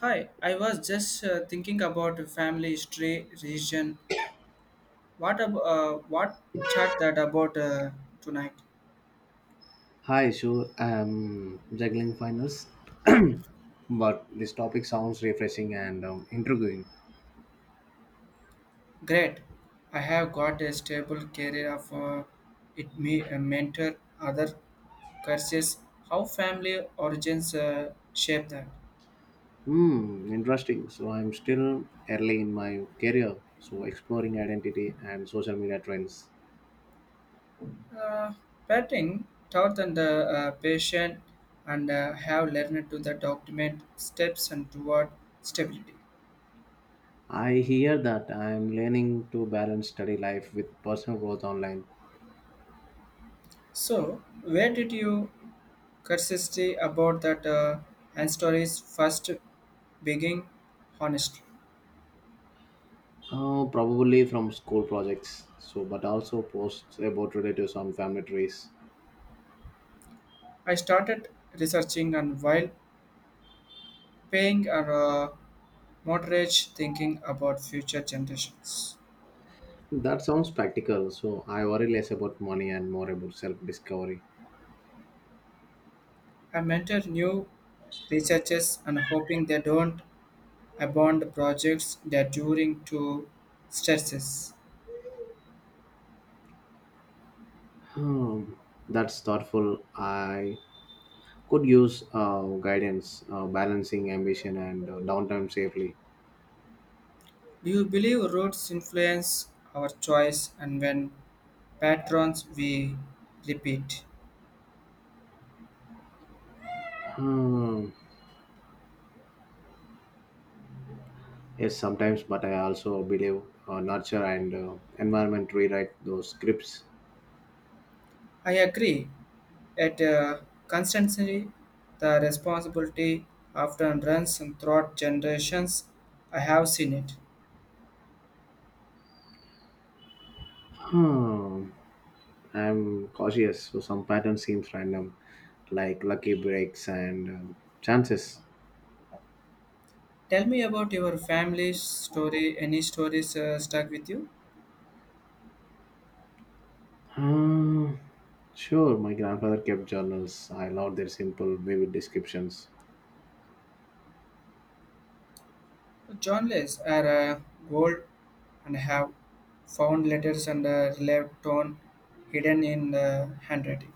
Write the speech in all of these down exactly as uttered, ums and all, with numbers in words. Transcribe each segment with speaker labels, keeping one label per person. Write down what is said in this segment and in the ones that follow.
Speaker 1: Hi, I was just uh, thinking about a family stray region. What ab- uh, what chat that about uh, tonight?
Speaker 2: Hi, sure. I'm juggling finals, but this topic sounds refreshing and um, intriguing.
Speaker 1: Great. I have got a stable career of uh, it may uh, mentor other courses. How family origins uh, shape that?
Speaker 2: Hmm, interesting. So I'm still early in my career, so exploring identity and social media trends.
Speaker 1: Uh, Parenting taught and the uh, patient and uh, have learned to the document steps and toward stability.
Speaker 2: I hear that. I'm learning to balance study life with personal growth online,
Speaker 1: So, where did you curiosity about that uh, and stories first being honestly.
Speaker 2: uh, probably from school projects. So, but also posts about relatives on family trees.
Speaker 1: I started researching and while paying a uh, mortgage thinking about future generations.
Speaker 2: That sounds practical. So I worry less about money and more about self-discovery.
Speaker 1: I mentor new researchers and hoping they don't abandon projects that during to stresses.
Speaker 2: Hmm, that's thoughtful. I could use uh, guidance, uh, balancing ambition and uh, downtime safely.
Speaker 1: Do you believe roots influence our choice and when patterns we repeat?
Speaker 2: Hmm, yes, sometimes, but I also believe uh, nurture and uh, environment rewrite those scripts.
Speaker 1: I agree. At uh, constancy, the responsibility often runs throughout generations. I have seen it.
Speaker 2: Hmm, I'm cautious, so some pattern seems random, like lucky breaks and um, chances.
Speaker 1: Tell me about your family story. Any stories uh, stuck with you?
Speaker 2: Hmm, sure, my grandfather kept journals. I love their simple, vivid descriptions.
Speaker 1: Journalists are uh, gold and have found letters and uh, relieved tone hidden in the handwriting.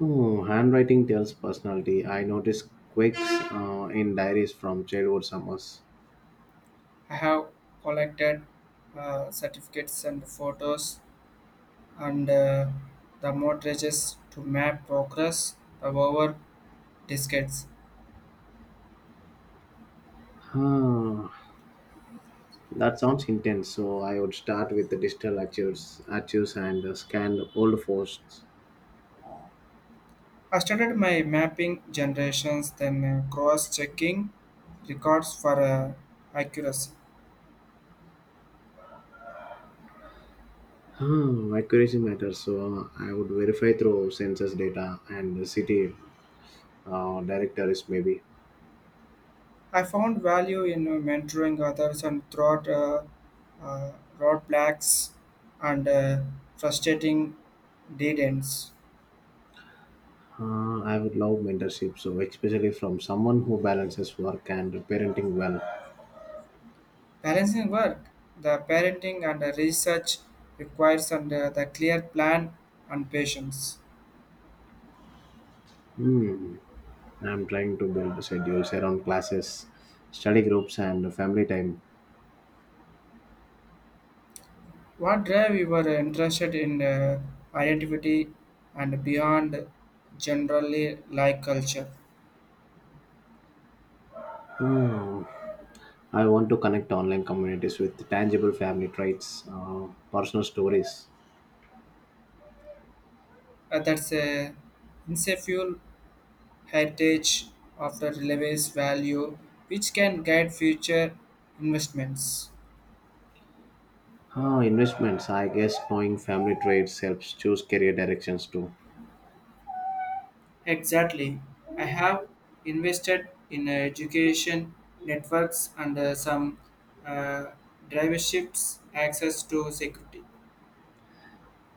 Speaker 2: Oh, handwriting tells personality. I noticed quirks uh, in diaries from childhood summers.
Speaker 1: I have collected uh, certificates and photos and uh, the mortgages to map progress over diskettes.
Speaker 2: Huh. That sounds intense. So I would start with the digital archives, archives and uh, scan old posts.
Speaker 1: I started my mapping generations, then uh, cross checking records for uh, accuracy.
Speaker 2: Huh. Accuracy matters. So uh, I would verify through census data and the city uh, directories maybe.
Speaker 1: I found value in uh, mentoring others and throughout uh, uh, roadblocks and uh, frustrating dead ends.
Speaker 2: Uh, I would love mentorship. So especially from someone who balances work and parenting well.
Speaker 1: Balancing work, the parenting and the research requires and uh, the clear plan and patience.
Speaker 2: I'm trying to build schedules around classes, study groups, and family time.
Speaker 1: What drive you were interested in uh, identity and beyond generally like culture?
Speaker 2: Hmm. I want to connect online communities with tangible family traits, uh, personal stories.
Speaker 1: Uh, that's a insefuel heritage of the relevance value which can guide future investments.
Speaker 2: Ah, investments. I guess knowing family traits helps choose career directions too.
Speaker 1: Exactly. I have invested in uh, education networks and uh, some uh, driverships access to security.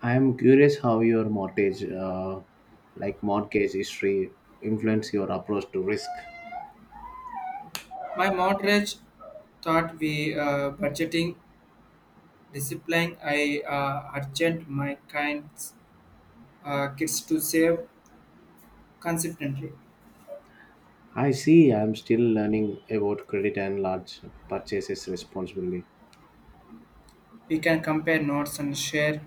Speaker 2: I am curious how your mortgage, uh, like mortgage history, influence your approach to risk.
Speaker 1: My mortgage thought we uh, budgeting discipline I uh, urgent my kinds uh, kids to save consistently.
Speaker 2: I see. I am still learning about credit and large purchases responsibly.
Speaker 1: We can compare notes and share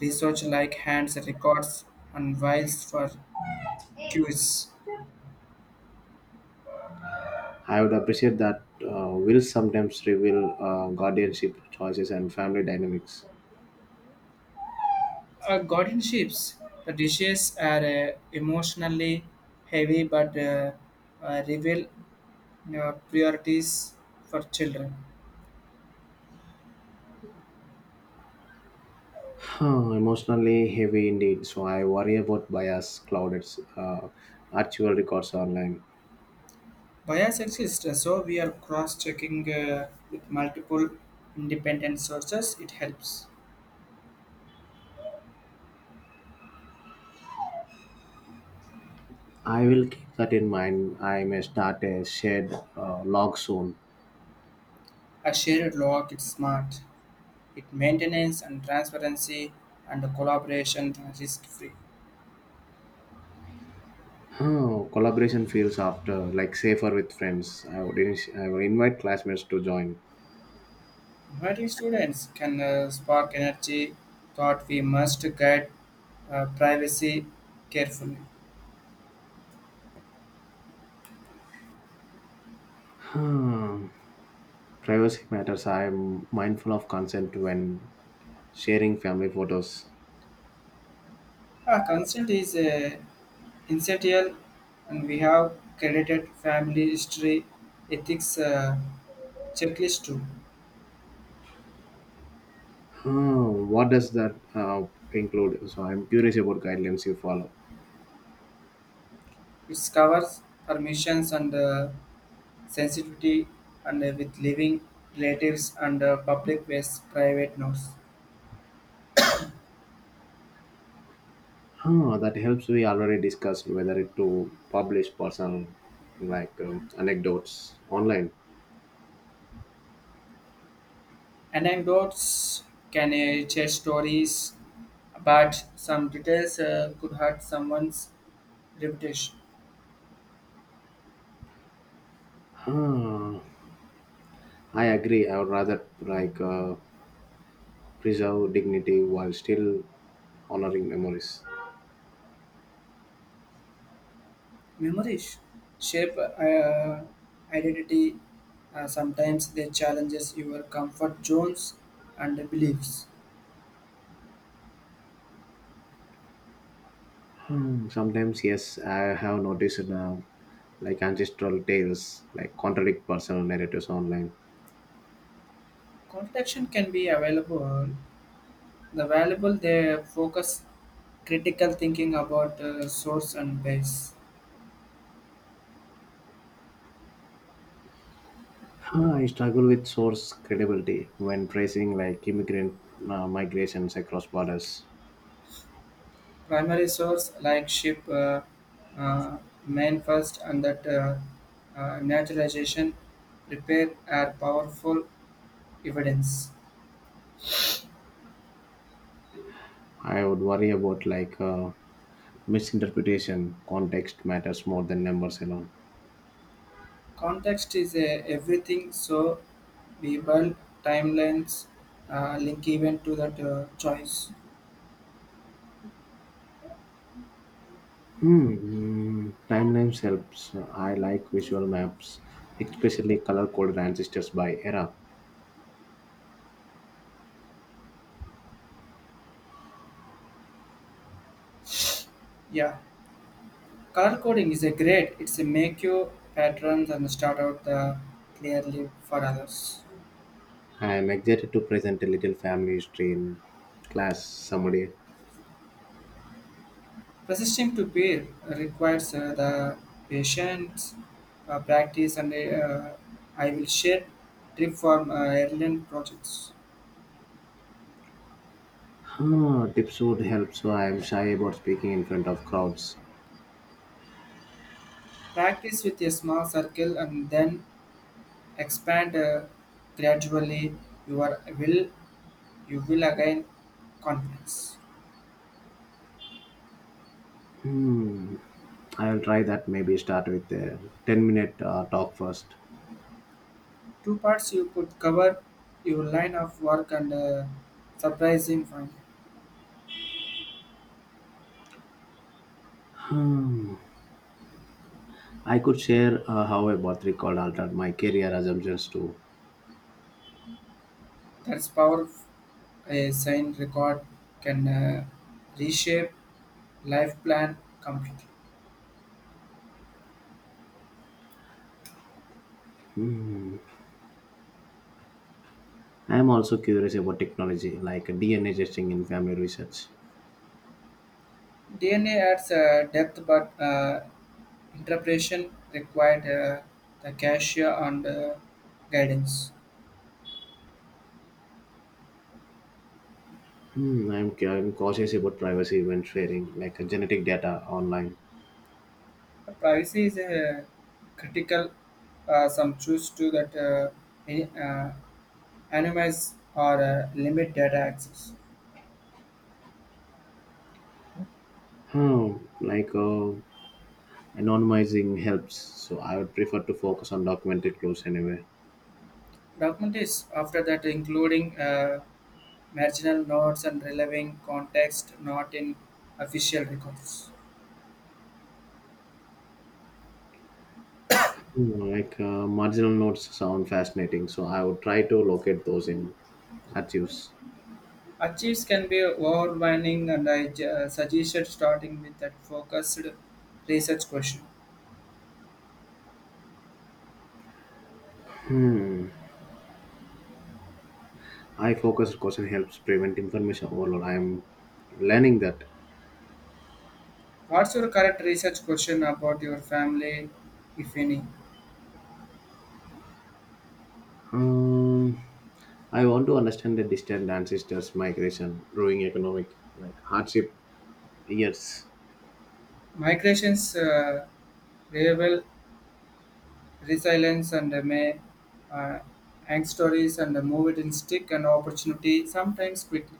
Speaker 1: research like hands records and files for cues.
Speaker 2: I would appreciate that. Uh, will sometimes reveal uh, guardianship choices and family dynamics.
Speaker 1: Uh, guardianships. The dishes are uh, emotionally heavy but uh, uh, reveal uh, priorities for children.
Speaker 2: Huh, emotionally heavy indeed, so I worry about bias, clouded uh, actual records online.
Speaker 1: Bias exists, so we are cross-checking uh, with multiple independent sources. It helps.
Speaker 2: I will keep that in mind. I may start a shared uh, log soon.
Speaker 1: A shared log is smart. It maintains and transparency and collaboration risk free.
Speaker 2: Huh, collaboration feels after like safer with friends. I would init- I would invite classmates to join.
Speaker 1: Inviting students can uh, spark energy, thought we must guide uh, privacy carefully.
Speaker 2: Huh, privacy matters. I am mindful of consent when sharing family photos.
Speaker 1: Our consent is uh, essential and we have credited family history ethics uh, checklist too.
Speaker 2: Huh, what does that uh, include? So I'm curious about guidelines you follow.
Speaker 1: It covers permissions and uh, sensitivity and uh, with living relatives and uh, public with private notes.
Speaker 2: Huh, that helps. We already discussed whether it to publish personal like um, anecdotes online.
Speaker 1: Anecdotes can uh, share stories, but some details uh, could hurt someone's reputation.
Speaker 2: Huh, I agree. I would rather like uh, preserve dignity while still honoring memories.
Speaker 1: Memories shape uh, identity. Uh, sometimes they challenges your comfort zones and beliefs.
Speaker 2: Hmm, sometimes yes, I have noticed uh, like ancestral tales like contradict personal narratives online.
Speaker 1: Contradiction can be available. The valuable they focus critical thinking about uh, source and base.
Speaker 2: Uh, I struggle with source credibility when tracing like immigrant uh, migrations across borders.
Speaker 1: Primary source like ship uh, uh, main first and that uh, uh, naturalization repair are powerful evidence.
Speaker 2: I would worry about like uh, misinterpretation. Context matters more than numbers alone.
Speaker 1: Context is a, everything, so we build timelines uh, link event to that uh, choice.
Speaker 2: Hmm. mm, Timelines helps. I like visual maps, especially color-coded ancestors by era.
Speaker 1: Yeah, color coding is a great. It's a make you patterns and start out the clearly for others.
Speaker 2: I am excited to present a little family history in class someday.
Speaker 1: Resisting to beer requires uh, the patience, uh, practice, and uh, I will share trip from uh, Ireland projects.
Speaker 2: Ah, tips would help, so I am shy about speaking in front of crowds.
Speaker 1: Practice with a small circle and then expand uh, gradually. You are will you will again confidence.
Speaker 2: Hmm. I will try that. Maybe start with a ten minute uh, talk first.
Speaker 1: Two parts you could cover your line of work and uh, surprising find.
Speaker 2: Hmm. I could share uh, how a birth recall altered my career assumptions too.
Speaker 1: That's power of a signed record can uh, reshape life plan completely.
Speaker 2: I am also curious about technology like D N A testing in family research.
Speaker 1: D N A adds uh, depth, but uh, interpretation required uh, the cashier and uh, guidance.
Speaker 2: Hmm. I am ca- I'm cautious about privacy when sharing like uh, genetic data online.
Speaker 1: The privacy is uh, critical. Uh, some choose to that uh, any- uh, anonymize or uh, limit data access.
Speaker 2: Hmm. Like uh, anonymizing helps, so I would prefer to focus on documented clues anyway.
Speaker 1: Document is after that including. Uh, marginal notes and relevant context not in official records.
Speaker 2: Hmm, like uh, marginal notes sound fascinating, so I would try to locate those in archives.
Speaker 1: Achieves can be overwhelming, and I ju- uh, suggested starting with that focused research question.
Speaker 2: I focused question helps prevent information overload. I am learning that.
Speaker 1: What's your current research question about your family, if any?
Speaker 2: Um, I want to understand the distant ancestors' migration, growing economic like hardship years,
Speaker 1: Migrations, uh, behavioral resilience, and uh, may uh, angst stories, and uh, move it in stick and opportunity sometimes quickly.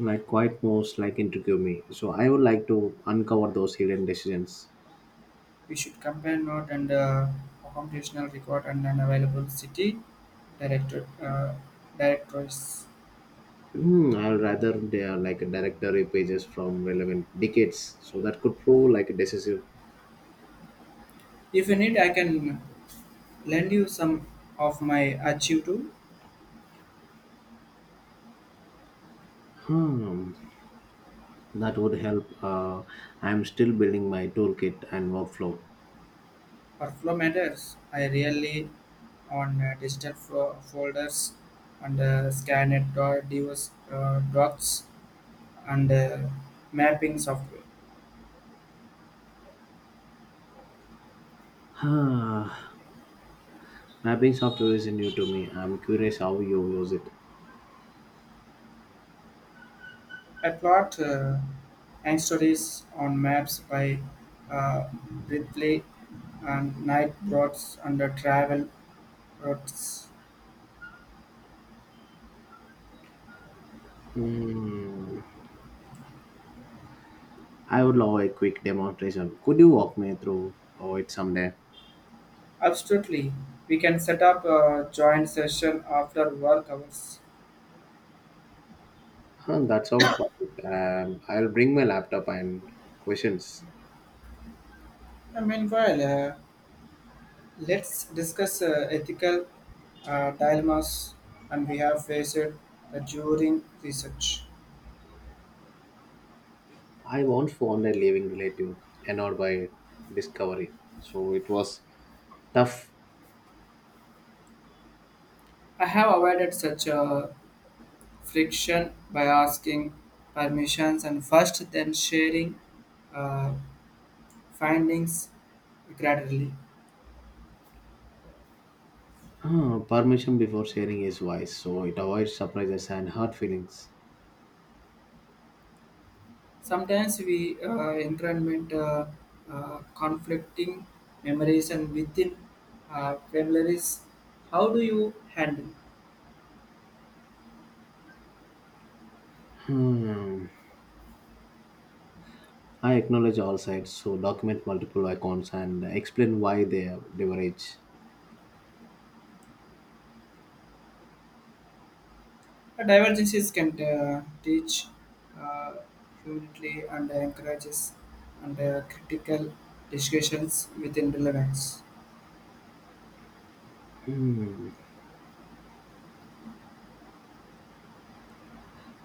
Speaker 2: like quite most like intrigue me. So I would like to uncover those hidden decisions.
Speaker 1: We should compare note and uh, computational record and an available city director uh, directories.
Speaker 2: Hmm, I'll rather they are like directory pages from relevant decades, so that could prove like decisive.
Speaker 1: If you need, I can lend you some of my archive to
Speaker 2: Hmm, that would help. Uh, I'm still building my toolkit and workflow.
Speaker 1: workflow matters. I really on uh, digital fo- folders and uh, scanned do- docs uh, docs and uh, mapping software.
Speaker 2: Huh. Mapping software is new to me. I'm curious how you use it.
Speaker 1: I plot uh, and stories on maps by uh, Ripley and night routes and the travel routes.
Speaker 2: I would love a quick demonstration. Could you walk me through oh, it someday?
Speaker 1: Absolutely, we can set up a joint session after work hours.
Speaker 2: Huh, that sounds perfect. Um, I'll bring my laptop and questions.
Speaker 1: Uh, meanwhile, uh, let's discuss uh, ethical uh, dilemmas and we have faced uh, during research.
Speaker 2: I once found a living relative annoyed by discovery, so it was tough.
Speaker 1: I have avoided such uh, friction by asking permissions and first then sharing uh, findings gradually.
Speaker 2: Huh, permission before sharing is wise, so it avoids surprises and hurt feelings.
Speaker 1: Sometimes we uh, increment uh, uh, conflicting memories and within uh, families. How do you handle?
Speaker 2: Hmm. I acknowledge all sides, so document multiple icons and explain why they are leverage.
Speaker 1: Uh, divergences can uh, teach uh, humility and encourages and uh, critical discussions within relevance.
Speaker 2: Hmm.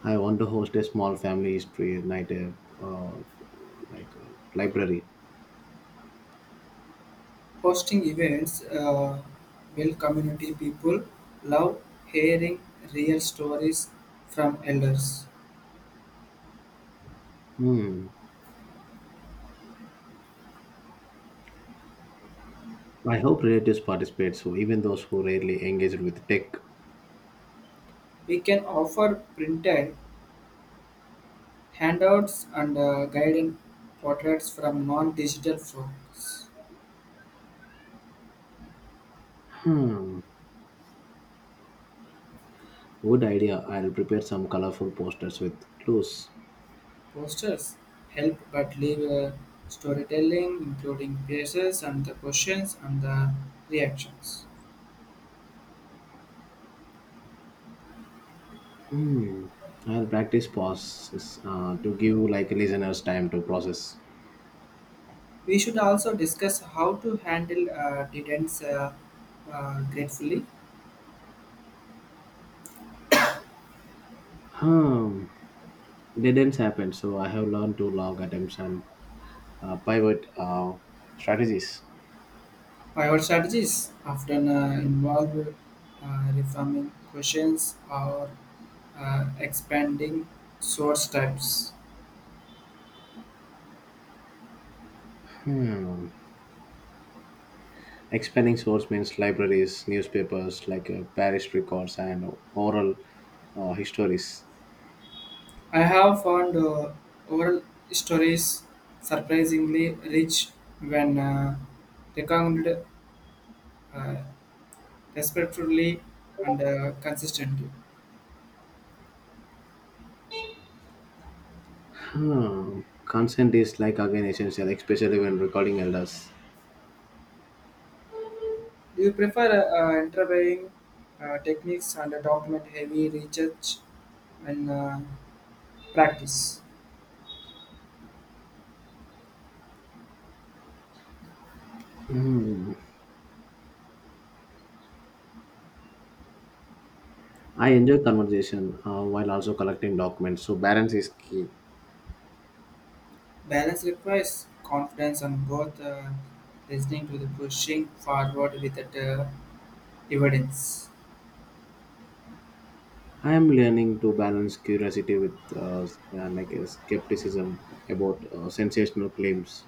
Speaker 2: I want to host a small family history night, uh, uh, like uh, library.
Speaker 1: Hosting events, uh, Bell community people love hearing real stories from elders.
Speaker 2: Hmm. I hope relatives participate, so even those who rarely engage with tech.
Speaker 1: We can offer printed handouts and uh, guided portraits from non-digital folks.
Speaker 2: Hmm. Good idea. I'll prepare some colorful posters with clues.
Speaker 1: Posters help but leave uh, storytelling, including places and the questions and the reactions.
Speaker 2: Hmm. I'll practice pauses uh, to give like listeners time to process.
Speaker 1: We should also discuss how to handle uh, details uh, uh, gratefully.
Speaker 2: Hmm. Didn't happen, so I have learned to log attempts and uh, pivot uh, strategies.
Speaker 1: Our strategies often uh, involve uh, reforming questions or uh, expanding source types.
Speaker 2: Hmm. Expanding source means libraries, newspapers like uh, parish records, and oral uh, histories.
Speaker 1: I have found uh, oral stories surprisingly rich when uh, recounted uh, respectfully and uh, consistently.
Speaker 2: Hmm. Consent is like again essential, especially when recording elders.
Speaker 1: Do you prefer uh, uh, interviewing uh, techniques and document heavy research and uh, practice?
Speaker 2: I enjoy conversation uh, while also collecting documents, so balance is key.
Speaker 1: Balance requires confidence on both uh, listening to the pushing forward with that, uh, evidence.
Speaker 2: I am learning to balance curiosity with uh, s- uh, like uh, skepticism about uh, sensational claims.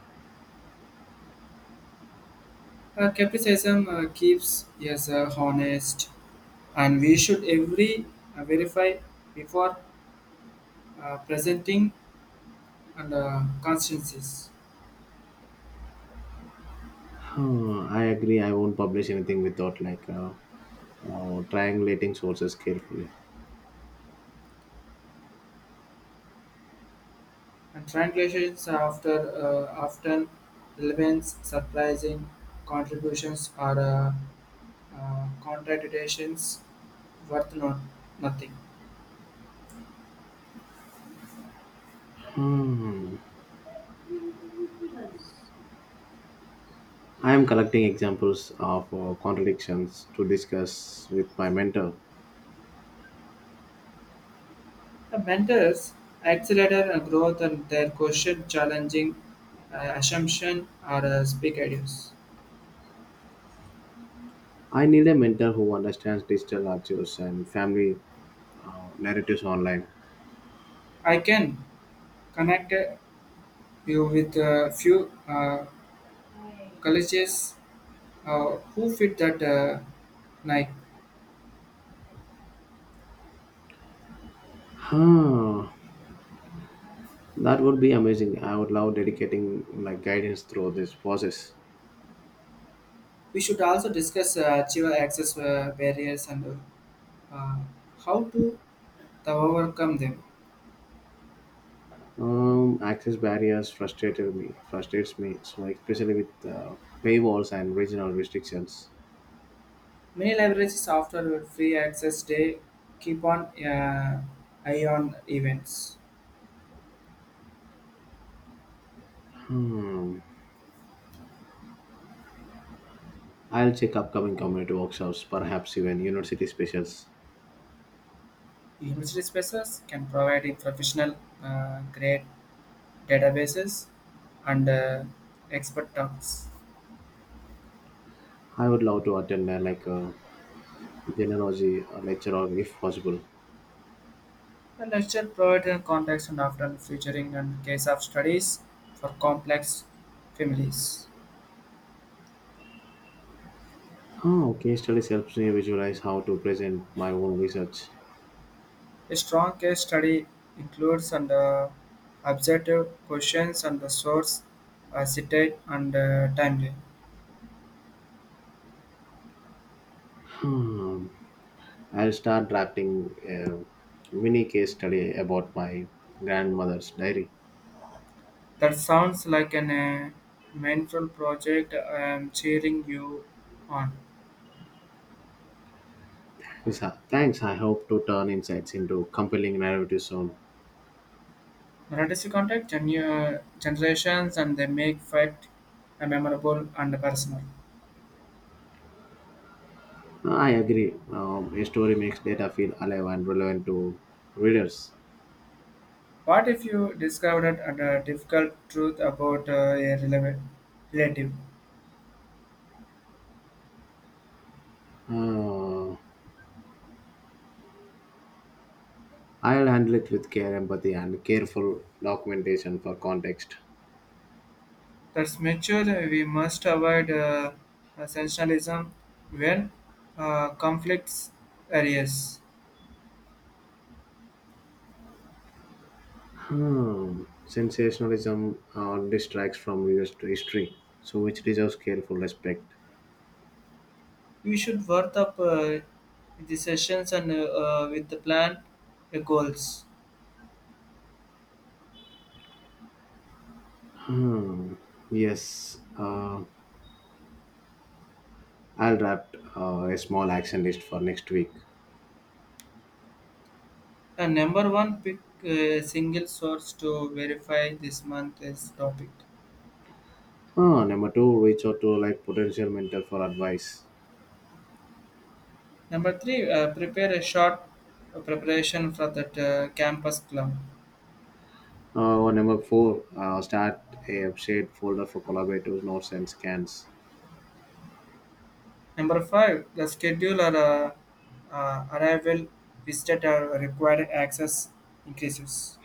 Speaker 1: Uh, skepticism uh, keeps us uh, honest, and we should every uh, verify before uh, presenting and uh, constancies.
Speaker 2: Hmm, I agree. I won't publish anything without like uh, uh, triangulating sources carefully.
Speaker 1: And translations are after uh, often relevance, surprising contributions or uh, uh, contradictions worth not nothing.
Speaker 2: Hmm. I am collecting examples of uh, contradictions to discuss with my mentor.
Speaker 1: The mentors accelerated growth and their question challenging uh, assumptions or uh, speak ideas.
Speaker 2: I need a mentor who understands digital archives and family uh, narratives online.
Speaker 1: I can connect uh, you with a few uh, colleges uh, who fit that uh, night.
Speaker 2: Huh, that would be amazing. I would love dedicating like guidance through this process.
Speaker 1: We should also discuss uh, achiever access uh, barriers and uh, how to the overcome them.
Speaker 2: Um, access barriers frustrated me, frustrates me. So especially with uh, paywalls and regional restrictions.
Speaker 1: Many libraries after free access day keep on uh, eye on events.
Speaker 2: I'll check upcoming community workshops, perhaps even university specials.
Speaker 1: University spaces can provide in professional uh, grade databases and uh, expert talks.
Speaker 2: I would love to attend uh, like a genealogy uh, lecture or if possible.
Speaker 1: The lecture provides a context and often featuring and case of studies for complex families.
Speaker 2: Oh, case studies helps me visualize how to present my own research.
Speaker 1: A strong case study includes and uh, objective questions and the source uh, cited and uh, timely.
Speaker 2: Hmm. I'll start drafting a mini case study about my grandmother's diary.
Speaker 1: That sounds like an uh, mindful project I am cheering you on.
Speaker 2: Yes, uh, thanks. I hope to turn insights into compelling narratives soon.
Speaker 1: Relatives contact genu- generations and they make fact a memorable and personal.
Speaker 2: Ah, I agree. Um, a story makes data feel alive and relevant to readers.
Speaker 1: What if you discovered a difficult truth about uh, a releva- relative?
Speaker 2: Uh, I'll handle it with care, empathy, and careful documentation for context.
Speaker 1: That's mature. We must avoid uh, uh, sensationalism when uh, conflicts areas.
Speaker 2: Hmm. Sensationalism uh, distracts from real history, so which deserves careful respect.
Speaker 1: We should work up uh, the sessions and uh, uh, with the plan uh, goals.
Speaker 2: Hmm. Yes, uh, I'll draft uh, a small action list for next week.
Speaker 1: And number one, pick a single source to verify this month's topic.
Speaker 2: Uh, number two, reach out to like potential mentor for advice.
Speaker 1: Number three, uh, prepare a short preparation for that uh, campus club.
Speaker 2: Uh, or number four, uh, start a shared folder for collaborators, notes, and scans.
Speaker 1: Number five, the scheduler uh, uh, arrival visitor required access increases.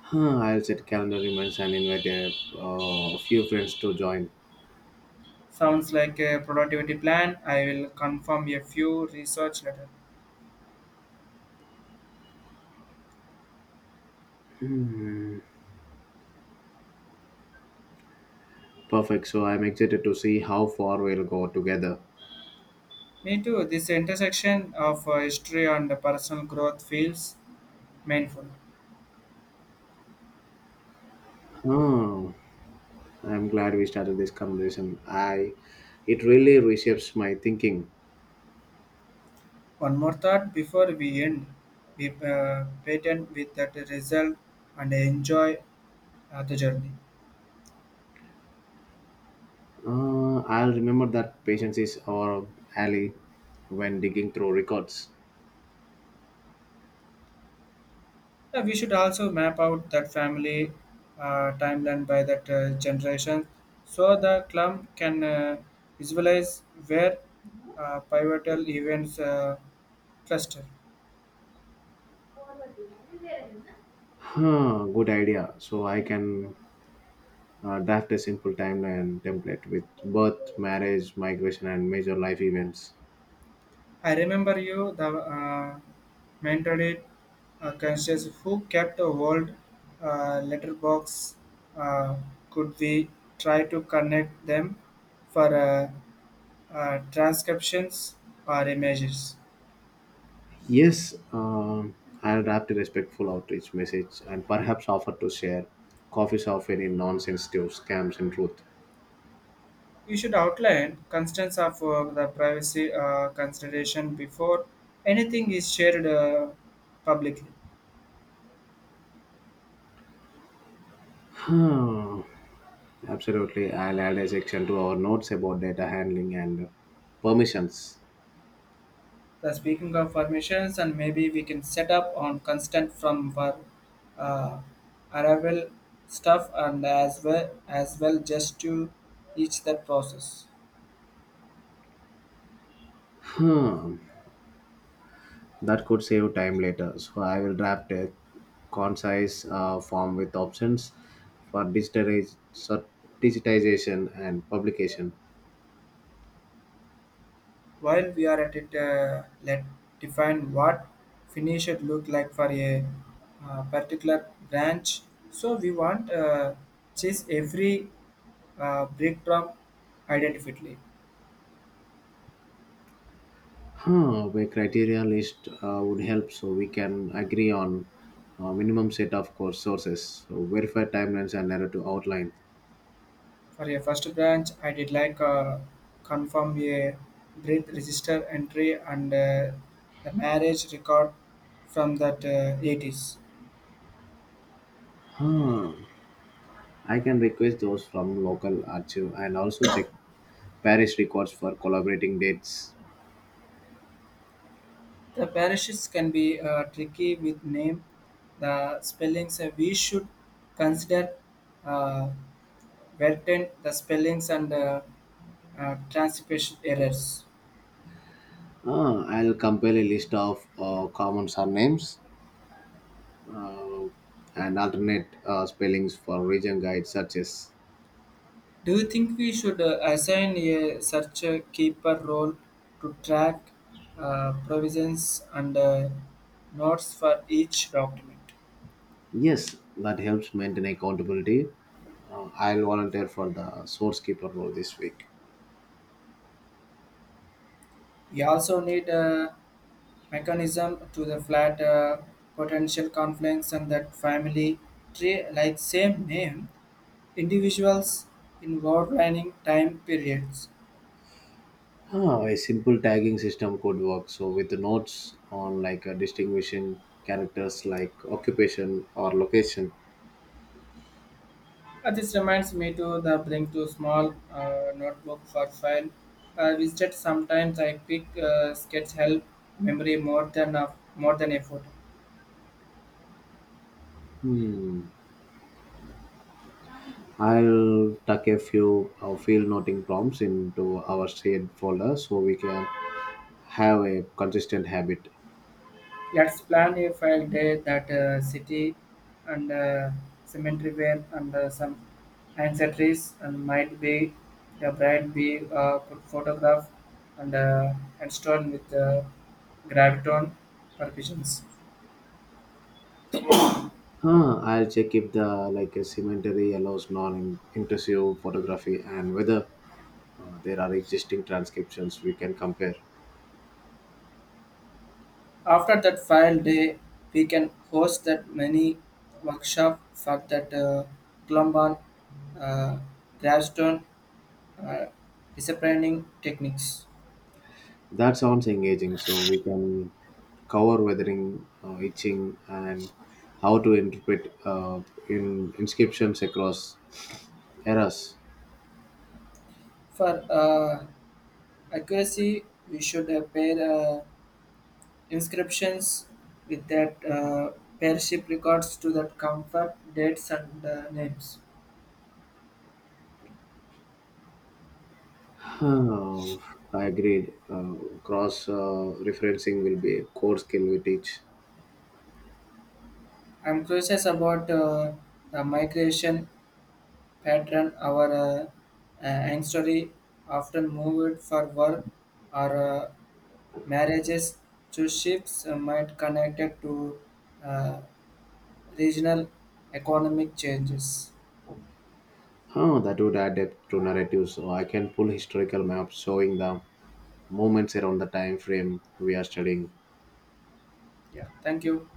Speaker 2: Huh, I'll set calendar reminders and invite a uh, few friends to join.
Speaker 1: Sounds like a productivity plan. I will confirm a few research later.
Speaker 2: Hmm. Perfect. So I'm excited to see how far we'll go together.
Speaker 1: Me too. This intersection of uh, history and personal growth feels mindful.
Speaker 2: Oh, I'm glad we started this conversation. I, it really reshapes my thinking.
Speaker 1: One more thought before we end. We uh, patent with that result and enjoy uh, the journey.
Speaker 2: Uh, I'll remember that patience is our ally when digging through records.
Speaker 1: Yeah, we should also map out that family uh, timeline by that uh, generation so the club can uh, visualize where uh, pivotal events uh, cluster.
Speaker 2: Huh, good idea. So I can uh, draft a simple timeline template with birth, marriage, migration, and major life events.
Speaker 1: I remember you, the uh, mentored it, uh, conscious who kept a world uh, letterbox. Uh, could we try to connect them for uh, uh, transcriptions or images?
Speaker 2: Yes, um I'll draft a respectful outreach message and perhaps offer to share copies of any non-sensitive scams and truth.
Speaker 1: You should outline constraints of uh, the privacy uh, consideration before anything is shared uh, publicly.
Speaker 2: Huh. Absolutely. I'll add a section to our notes about data handling and permissions.
Speaker 1: The speaking of permissions, and maybe we can set up on constant from our uh, arrival stuff, and as well as well just to each that process.
Speaker 2: Hmm. That could save time later. So I will draft a concise uh, form with options for digitize, so digitization and publication.
Speaker 1: While we are at it, uh, let's define what finish it look like for a uh, particular branch. So we want uh, chase every uh, brick drop identically.
Speaker 2: Huh, a criteria list uh, would help so we can agree on uh, minimum set of course sources, so verify timelines and error to outline.
Speaker 1: For a first branch, I did like uh, confirm a breath register entry and uh, the marriage record from that uh, eighties.
Speaker 2: Huh. I can request those from local archive and also check Parish records for collaborating dates.
Speaker 1: The parishes can be uh, tricky with name, the spellings. Uh, we should consider uh, Verten, the spellings and uh, uh, transcription errors.
Speaker 2: Ah, I'll compile a list of uh, common surnames uh, and alternate uh, spellings for region guide searches.
Speaker 1: Do you think we should uh, assign a search uh, keeper role to track uh, provisions and uh, notes for each document?
Speaker 2: Yes, that helps maintain accountability. Uh, I'll volunteer for the source keeper role this week.
Speaker 1: We also need uh, mechanism to the flat uh, potential conflicts and that family tree like same name individuals in warlining time periods.
Speaker 2: Ah, a simple tagging system could work, so with the notes on like uh, distinguishing characters like occupation or location.
Speaker 1: Uh, this reminds me to the bring to small uh, notebook for file. I visited sometimes I pick uh, sketch help memory more than a, more than effort.
Speaker 2: I'll tuck a few uh, field noting prompts into our shared folder so we can have a consistent habit.
Speaker 1: Let's plan a file day that uh, city and uh, cemetery where and uh, some ancestries and might be the bride be uh, could photograph and uh, and stone with uh, graviton permissions.
Speaker 2: Uh, I'll check if the like a cemetery allows non-intrusive photography and whether uh, there are existing transcriptions we can compare.
Speaker 1: After that file day, we can host that many workshop for that uh, Columban uh, gravestone uh, disciplining techniques
Speaker 2: That sounds engaging, so we can cover weathering, uh, itching, and how to interpret uh, in inscriptions across eras.
Speaker 1: for uh, accuracy, we should uh, pair uh, inscriptions with that uh, pairship records to that comfort, dates, and uh, names.
Speaker 2: Oh, I agreed. Uh, cross uh, referencing will be a core skill we teach.
Speaker 1: I'm curious about uh, the migration pattern. Our uh, uh, ancestry often moved for work or uh, marriages to ships uh, might connected to uh, regional economic changes.
Speaker 2: Oh, that would add depth to narratives. So I can pull historical maps showing the moments around the time frame we are studying.
Speaker 1: Yeah, thank you.